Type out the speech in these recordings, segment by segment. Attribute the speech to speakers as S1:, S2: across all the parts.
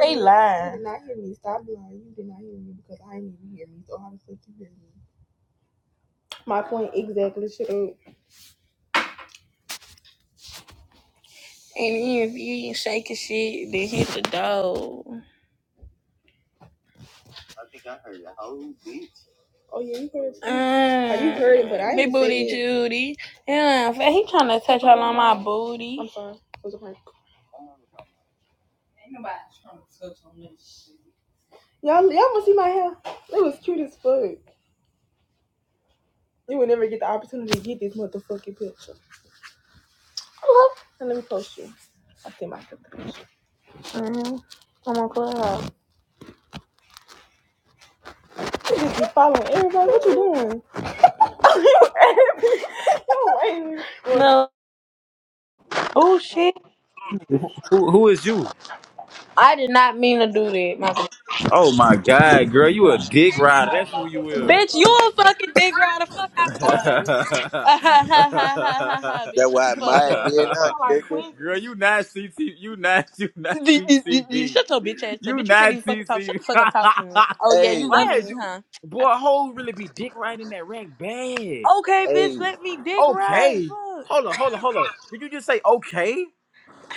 S1: They lying. You did not hear me. Stop lying. You did not hear me because I didn't even hear me. So how the fuck you hear me? My point exactly. Shut up. And then if you ain't shaking shit, then hit the door. Oh yeah, you heard it. Um, Oh, you heard it, but I Mm, big ain't say booty Judy. Yeah, he trying to touch all on my booty. I'm booty. sorry. It was a prank. Ain't nobody trying to touch on this shit. Y'all, y'all must see my hair. It was cute as fuck. You would never get the opportunity to get this motherfucking picture. Hello. And let me post you. I see my picture. hmm I'm on Clubhouse. You just be following everybody. What you doing? You're No. Oh shit.
S2: Who, who is you?
S1: I did not mean to do that, my
S2: Oh my God, girl, you a dick rider. That's who you is.
S1: Bitch, you a fucking dick rider. Fuck out my face.
S2: girl,
S1: Ah, ha, ha, ha, ha, ha, ha, bitch,
S3: That's
S1: shut
S3: why
S1: the
S3: I
S1: fuck
S3: admire
S1: up.
S3: did not check it.
S2: you not CT. You not. You not
S1: D- d- d- d-
S2: TCB.
S1: Shut your bitch ass up.
S2: You
S1: Bitch, you can't even
S2: not
S1: fucking talk. Shut
S2: TCB.
S1: the fuck up. Talk to me. Oh, yeah,
S3: Hey,
S1: you
S2: Why
S1: loving
S2: is
S1: me,
S2: you,
S1: huh? I-
S2: boy? Whole really be dick riding that rack bad.
S1: Okay, bitch,
S3: hey,
S1: let me dick ride.
S2: Okay, hold on, hold on, hold on. Did you just say okay?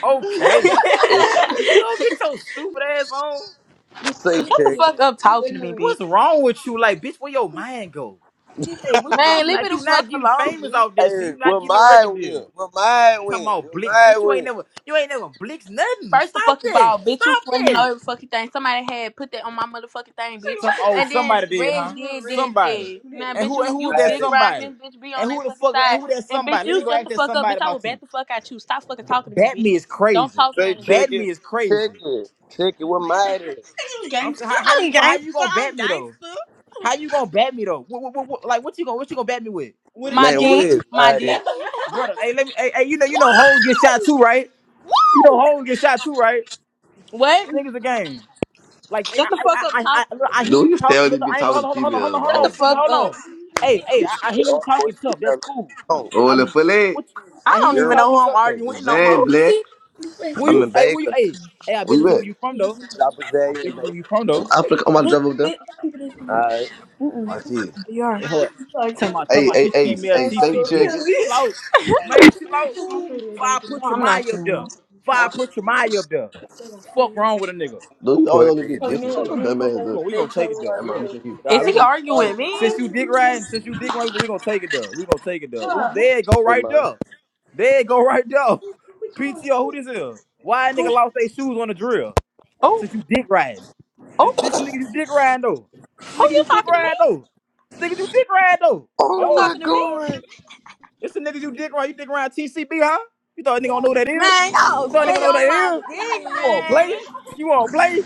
S2: Okay.
S3: if
S2: You don't get your stupid ass on.
S3: say
S1: shut the
S3: check it.
S1: fuck up talking to me, bitch.
S2: What's wrong with you? Like, bitch, where your mind go?
S1: Man, leave me
S2: Like
S1: the
S2: you
S1: fuck
S2: not getting
S1: alone,
S2: famous
S1: bitch.
S2: off that shit.
S3: Hey,
S2: You not
S3: will
S2: getting no
S3: my
S2: record
S3: win?
S2: deal.
S3: Will my
S2: Talking
S3: win?
S2: about
S3: Will
S2: Blix,
S3: my
S2: bitch. You ain't
S3: win?
S2: never, you ain't never Blix nothing.
S1: First the
S2: Stop
S1: fucking
S2: that.
S1: ball, bitch, you
S2: Stop
S1: swear you know
S2: that.
S1: every fucking thing. Somebody had put that on my motherfucking thing, bitch.
S2: Some oh
S1: And then
S2: somebody did,
S1: Reg
S2: huh?
S1: did did
S2: Somebody.
S1: that. Man,
S2: And
S1: bitch,
S2: who and
S1: you
S2: who was
S1: you
S2: that
S3: My
S1: dick
S3: it.
S1: riding
S2: somebody?
S1: them, bitch, be on
S2: And
S1: their
S2: who the
S1: fucking
S2: fuck
S1: side.
S2: and who that
S1: And bitch,
S2: somebody? Let
S1: you
S2: me go
S1: shut
S2: ask
S1: the
S2: that
S1: fuck up,
S2: somebody
S1: bitch. I will
S2: about
S1: bat
S2: you.
S1: the fuck at you. Stop fucking
S2: B-
S1: talking to me,
S2: bat
S1: bitch.
S2: me is
S1: Don't
S2: crazy.
S1: talk
S3: Say
S1: around this
S3: check
S2: Bat
S1: bitch.
S3: it.
S2: me is
S3: Check
S2: crazy.
S3: it. Check it. What my it?
S2: I'm saying how, how you go how you gonna bat me though? How you gonna bat me though? What, what, what, what- like what you gonna what you gonna bat me with?
S1: What my did
S3: Man,
S1: you
S3: what
S1: dick,
S3: is
S1: want? my
S3: my
S1: dick.
S3: it?
S2: Brother, hey, let me hey, hey you know you know hoes get shot too, right? You know hoes get shot too, right?
S1: What?
S2: Think it's a game. Like
S1: Shut
S2: I
S1: the fuck
S2: I
S1: up
S2: I
S1: talking
S2: I,
S1: to
S2: look, I
S1: me,
S2: hear
S4: Dude,
S2: you
S1: bitch.
S4: you stay
S2: talk.
S4: on to
S2: Look, look,
S4: be
S2: I ain't gonna
S4: talking to
S2: hold on, hold on, hold
S4: females,
S2: on, hold
S1: Shut
S4: bro.
S1: the
S2: on,
S4: man.
S2: fully,
S1: fuck
S2: hold
S1: up.
S2: on. Hey, hey,
S3: He
S2: I, I
S3: play
S2: hear you
S3: all the way
S2: talking
S3: through
S2: tough.
S3: now
S2: That's
S3: like
S2: cool.
S3: a punk.
S2: But,
S4: Oh,
S2: I
S4: the
S2: mean,
S4: fillet.
S2: what? you-
S1: I
S2: I hear
S1: don't
S2: you
S1: even
S3: You're,
S1: know who
S2: talking
S1: I'm
S2: tough though.
S1: arguing with no more.
S4: Jean
S1: You
S4: Black.
S1: See?
S2: Where
S3: I'm
S2: you?
S3: in
S2: Hey, where you?
S3: Baker.
S2: Hey, hey, I
S4: Where
S2: bet you
S4: you
S2: tell me
S4: at?
S2: where you from though.
S3: Stop a
S2: I bet
S3: value
S2: you
S3: in
S2: tell me
S3: Baker.
S2: where you from
S4: I'm
S2: though.
S4: Africa. I'm about to
S1: Dick,
S4: drive over there.
S1: dick.
S3: Alright.
S1: Mm-mm.
S4: I see it.
S1: You
S2: Hey,
S1: are.
S2: hold. up. Tell my, tell
S4: Hey,
S2: my,
S4: hey,
S2: she
S4: hey,
S2: female
S4: hey, safe
S2: TCB.
S4: chicken.
S2: Chill out, man. Chill out. Five put your
S1: I'm not
S2: mind up
S1: you.
S2: there. Five put your mind up there. Fuck wrong with a nigga.
S4: Dude,
S3: Don't
S4: you always on
S3: put
S4: this
S3: that
S4: bitch
S3: ass
S4: distance.
S3: up
S4: Shut
S3: there.
S4: your dumb ass
S2: We
S4: up.
S2: gonna, we gonna take it there.
S4: Hey, man,
S2: We
S4: let me
S2: gonna,
S4: check you.
S2: all
S1: Is
S2: right, we
S1: he
S2: gonna,
S1: arguing
S2: we gonna.
S1: with
S2: Since
S1: me?
S2: you dick riding, since you dick riding, we gonna take it there. We gonna take it there. Ooh, there it go
S3: Hey,
S2: right
S3: man.
S2: there. There it go right there. PTO, who this is? Why a nigga lost their shoes on the drill?
S1: Oh,
S2: Since you dick riding. This
S1: oh.
S2: this the nigga you dick riding though. This the
S1: Who
S2: nigga
S1: you
S2: you dick
S1: talking to
S2: riding
S1: me?
S2: though. This nigga you dick riding though.
S1: You
S3: Oh
S2: Oh,
S3: my
S1: talking to me?
S3: god.
S2: this the nigga you dick riding. You dick riding TCB, huh? You thought a nigga don't know who that is?
S1: Man, y'all Oh,
S2: You thought a
S1: stay
S2: nigga know who
S1: on
S2: that
S1: my you
S2: is?
S1: dick,
S2: You wanna
S1: man.
S2: play? You wanna play?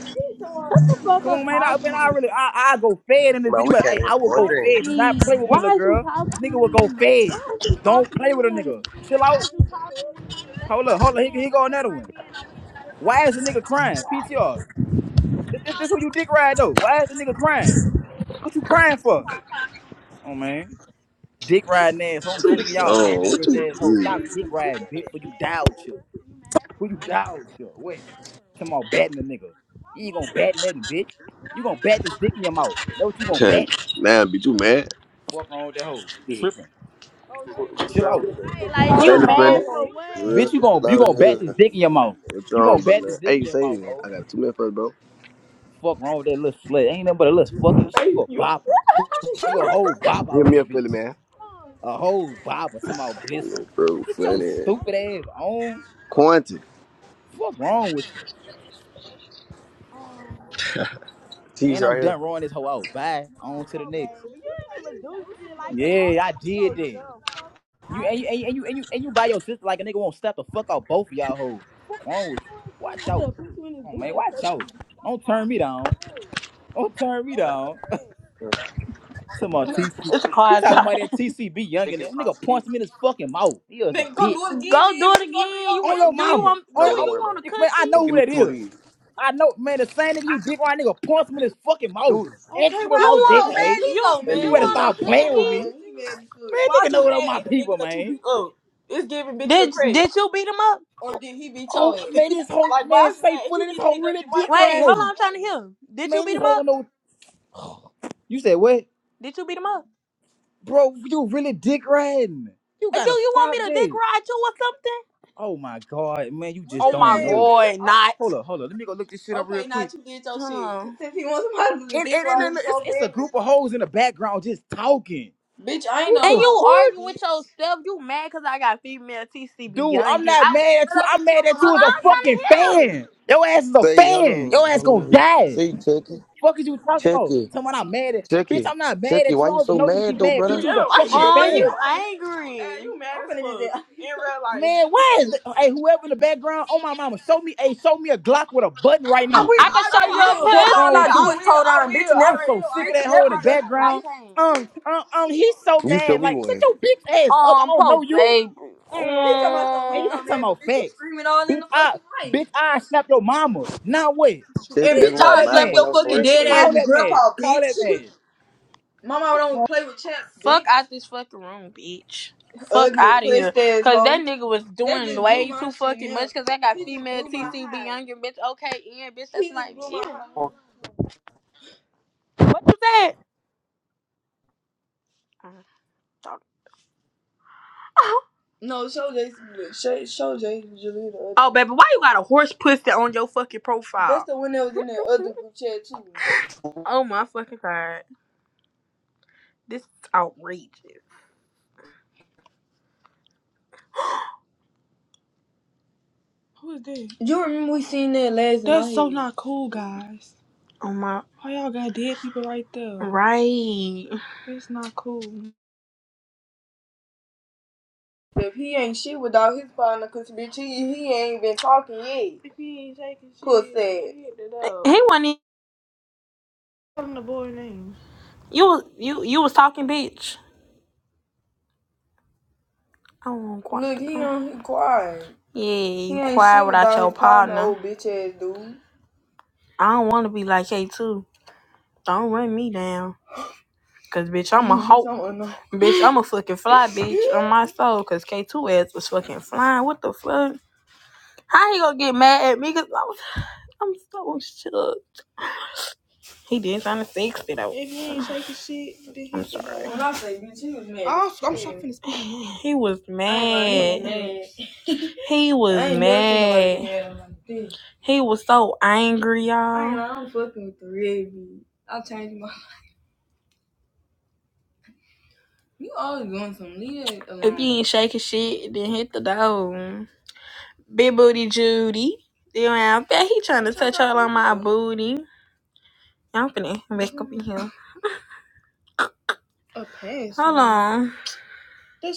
S1: What the fuck
S2: Come
S1: up
S2: on, man. I
S1: talking
S2: man,
S1: to
S2: I
S1: me?
S2: really I I go fed in this
S3: Man,
S2: bitch.
S3: we
S2: But
S1: Why
S3: came
S2: hey,
S1: you
S3: here
S2: I
S3: for
S2: will
S3: one
S2: go
S1: talking
S3: thing.
S1: to
S2: fed. Do not
S1: me?
S2: play with me, little
S1: Why is you
S2: girl.
S1: talking to
S2: Nigga will
S1: me?
S2: go
S1: Why
S2: fed.
S1: is you
S2: Don't
S1: talking to
S2: play with
S1: me?
S2: a nigga.
S1: Why
S2: Chill out.
S1: is you talking to me? That's
S2: Hold
S1: my
S2: up, hold up. Here,
S1: man.
S2: here go
S1: That's
S2: another
S1: my
S2: one.
S1: man. I'ma stick with him.
S2: Why is the nigga crying? PTR. This,
S1: Bitch,
S2: this
S1: I
S2: this who you
S1: believe
S2: dick
S1: you
S2: ride
S1: right
S2: though. Why is the nigga
S1: now.
S2: crying? What you crying
S1: Big
S2: for?
S1: problem.
S2: Oh man. Dick riding asshole. I'm
S4: Too
S2: sick of y'all
S4: strong.
S2: bandit
S4: What
S2: real
S4: you
S2: asshole.
S1: Okay,
S2: Stop
S4: do?
S1: you
S2: dick riding,
S1: mad
S2: bitch,
S1: for
S2: for you
S1: mad
S2: dial chill.
S1: you mad for
S2: For you
S1: what?
S2: dial chill.
S1: You
S2: Wait.
S1: mad for
S2: Come on,
S1: what?
S2: batting the nigga. You
S1: You
S2: ain't
S1: want
S2: gonna
S1: me to
S2: bat
S1: dick
S2: nothing, bitch. You gonna
S1: right? You
S2: bat this
S1: want me
S2: dick
S1: to
S2: in your
S1: dick right?
S2: mouth. That what you gonna
S4: Man,
S2: bat?
S4: man, be too mad.
S2: What's wrong with that hoe?
S3: Jesus,
S2: Tripping.
S1: Oh, now you
S3: what, what the
S1: doing
S2: Chill out.
S1: shit
S3: me
S1: like
S3: there?
S1: Right, like
S4: Say
S1: you
S4: the
S1: mad
S4: fillet.
S1: no, for what?
S2: Bitch,
S3: Real
S2: you gon' you gonna
S3: Love
S2: bat
S3: here.
S2: this dick in your mouth.
S4: What you
S2: You gonna
S4: on, brother?
S2: bat this dick in
S4: Hey,
S2: your
S4: say
S2: mouth,
S4: it.
S2: hoe.
S4: I got two minutes for it, bro.
S2: Fuck wrong with that little slut. Ain't nothing but a little fucking you a bopper. You a whole bop
S4: Hit
S2: out
S4: me
S2: this
S4: up, Philly
S2: bitch.
S4: man.
S2: A whole bopper talking about bliss on.
S3: Bro,
S2: Get your
S3: funny.
S2: stupid ass on.
S4: Quantity.
S2: Fuck wrong with you.
S3: Cheese
S2: And I'm
S3: right here.
S2: done rolling this hoe out. Bye. On to the next. Yeah, I did that. You and you and you and you and you, and you by your sister like a nigga won't step the fuck out both of y'all hoes. Fuck wrong with you? Watch out. Come on, man. Watch out. Don't turn me down. Don't turn me down.
S3: Yeah.
S2: Talking about TC.
S1: It's a
S2: You
S1: quiet
S2: talking
S1: time.
S2: about that TCB
S3: They
S2: youngin?
S3: get
S2: That
S3: a pound
S2: nigga
S3: of
S2: punched
S3: cheese.
S2: me in his fucking mouth. He was a
S1: Then go
S2: bitch.
S1: do it again. Go do it you want again. You wa-
S2: On your
S1: do you
S2: mama.
S1: want
S2: On
S1: do
S2: your,
S3: No, don't
S1: you
S3: worry about
S1: want a
S3: it.
S2: on- man, I
S1: cookie?
S3: Well,
S2: know
S3: give
S2: who
S3: me
S2: that
S3: two of
S2: is.
S3: these.
S2: I know, man. The same nigga you dick right nigga punched me in his fucking mouth.
S3: Two. Send these
S1: Okay,
S2: Ask me
S1: why'd you go
S2: about that,
S1: want so
S2: man.
S1: mad? He you so
S3: They
S1: mad. He
S2: You
S3: leave
S2: better
S3: in
S1: want a
S2: stop
S3: doctor.
S2: playing with
S1: cookie?
S2: me,
S1: uh
S2: man. Nigga
S1: Why'd
S2: know
S1: you
S2: what all
S1: mad
S2: my
S1: at the nigga
S2: people,
S1: that you
S2: man.
S1: beat up? It's giving bitch the Did credit. did you beat him up?
S2: Oh man, this whole
S1: Like
S2: man
S1: why'd you
S2: say
S1: mad? If you
S2: fully this
S1: beat a
S2: whole
S1: nigga up, then
S2: really
S1: why the fuck
S2: dick
S1: Wait, hold so on.
S2: riding.
S1: I'm trying to hear. Did you
S2: Man,
S1: beat
S2: this
S1: him
S2: whole don't
S1: up?
S2: know. You said what,
S1: Did you beat him up?
S2: bro? You really dick riding? You
S1: Uh, Do
S2: gotta
S1: you want me
S2: stop
S1: to dick
S2: that.
S1: ride you or something?
S2: Oh my God, man, you
S1: What's
S2: just
S1: Oh his my
S2: don't
S1: name?
S2: know.
S1: god, not.
S2: Hold up, hold up. Let me go look this shit
S1: Oh,
S2: up real
S1: okay,
S2: quick.
S1: Not you did your shit. Huh.
S2: And and, and,
S1: Like,
S2: and it's,
S1: so
S2: it's a
S1: big.
S2: group of hoes in the background just talking.
S1: Bitch, I ain't
S2: What
S1: on And
S2: the
S1: you no
S2: fuck?
S1: arguing with yourself. You mad because I got female TCB
S2: Dude, I'm
S1: youngin.
S2: not
S1: I would
S2: mad at
S1: Shut
S2: you.
S1: up
S2: I'm
S1: and
S2: mad
S1: talk on
S2: at
S1: my Well,
S2: you as a
S1: my I'm trying to
S2: fucking
S1: hear.
S2: fan. Your ass is a
S3: Say
S2: fan.
S3: hello,
S2: Your ass gonna
S3: hello.
S2: die.
S3: Say check it,
S2: Fuck is you talking
S3: check
S2: about?
S3: it,
S2: Talking about I'm mad at
S3: check
S2: bitch,
S3: it,
S2: I'm not mad
S3: check it.
S2: at you.
S3: Why
S2: I
S3: you
S2: don't even
S3: so
S2: know you to be
S3: mad though,
S2: mad.
S1: You
S2: Bitch,
S3: brother?
S2: you was a
S1: yellow. Why you
S2: fucking
S1: Oh, mad? you
S2: fan.
S1: angry. Hey, you mad I'm as finna do fuck. that. In real life,
S2: Man,
S1: nigga
S2: why
S1: finna.
S2: is that? Hey, whoever in the background, oh my mama, show me, hey, show me a Glock with a button right
S1: We
S2: now.
S1: I can show you a will,
S2: Fuck
S1: All
S2: wrong
S1: I
S2: with
S1: do
S2: you?
S1: is toe on. bitch.
S2: I'm
S1: Never,
S2: so sick of
S1: bitch,
S2: that hoe in the
S1: never duck you, I
S2: background.
S1: can't.
S2: Um, um, um, he's so
S3: You show
S2: mad.
S3: me
S2: Like, shut
S3: one.
S2: your bitch ass up. I
S1: Um,
S2: don't know
S1: poor
S2: you.
S1: baby. Mm, bitch, I'm not so
S2: And
S1: weak,
S2: you
S1: Mm.
S2: should
S1: i
S2: talking
S1: but
S2: about
S1: bitch, you
S2: facts.
S1: screaming all in
S2: Bitch,
S1: the
S2: I,
S1: fucking night.
S2: bitch, I snap your mama. Now what?
S3: Check it.
S1: And
S2: Yeah,
S3: That's
S1: bitch,
S3: why
S2: call
S1: I'll
S3: I'm
S2: that
S3: mad
S1: slap
S3: when
S2: man.
S3: I
S1: your
S3: was the
S1: fucking
S3: worst
S1: dead
S2: Call
S1: ass
S2: that man.
S1: grandpa,
S2: Call that
S1: bitch.
S2: man.
S1: Mama don't play with champs, bitch. Fuck out this fucking room, bitch. Fuck Ugly out of
S3: way.
S1: pussy here. ass Cause ass that hoe. nigga was That doing just blew way my too shit fucking much. up. Cause I got He just female blew my TC high. Younger, bitch. Okay, in, bitch. That's He just like, blew my ew. high. What you said? Uh, dog. Oh, No, show Jason. Show, show Jason Jaleel the other Oh, one. baby, why you got a horse pussy on your fucking That's profile? the one that was in that other group chat too. Oh my fucking god, this is outrageous. Who is that? You remember we seen that last That's night? so not cool, guys. Oh my. Why y'all got dead people right there? Right. It's not cool. If he ain't shit without his partner, cause bitch, he, he ain't been talking yet. If he ain't shaking shit, Pussy. he hit it up. He wasn't. even- Tell him the boy name. You was you you was talking, bitch. I want quiet. Look, he on he quiet. Yeah, you ain't quiet shit without without your his partner, partner. old bitch ass dude. I don't want to be like K two. Don't run me down. Cause bitch, I'm a hoe. Bitch, I'm a fucking fly bitch on my soul. Cause K2 ass was fucking flying. What the fuck? How he gonna get mad at me? Cause I'm, I'm so shook. He did trying to fix though. If you ain't shaking shit, then I'm sorry. When I say bitch, he was mad. I'm, I'm so finna He was mad. He was mad. He was so angry, y'all. lying, I'm fucking with the real my. You always doing something. Leave it alone. If you ain't shaking shit, then hit the door. Big booty Judy. Then I bet he trying to touch all on my booty. I'm finna wake up in here. A pass. Hold on. That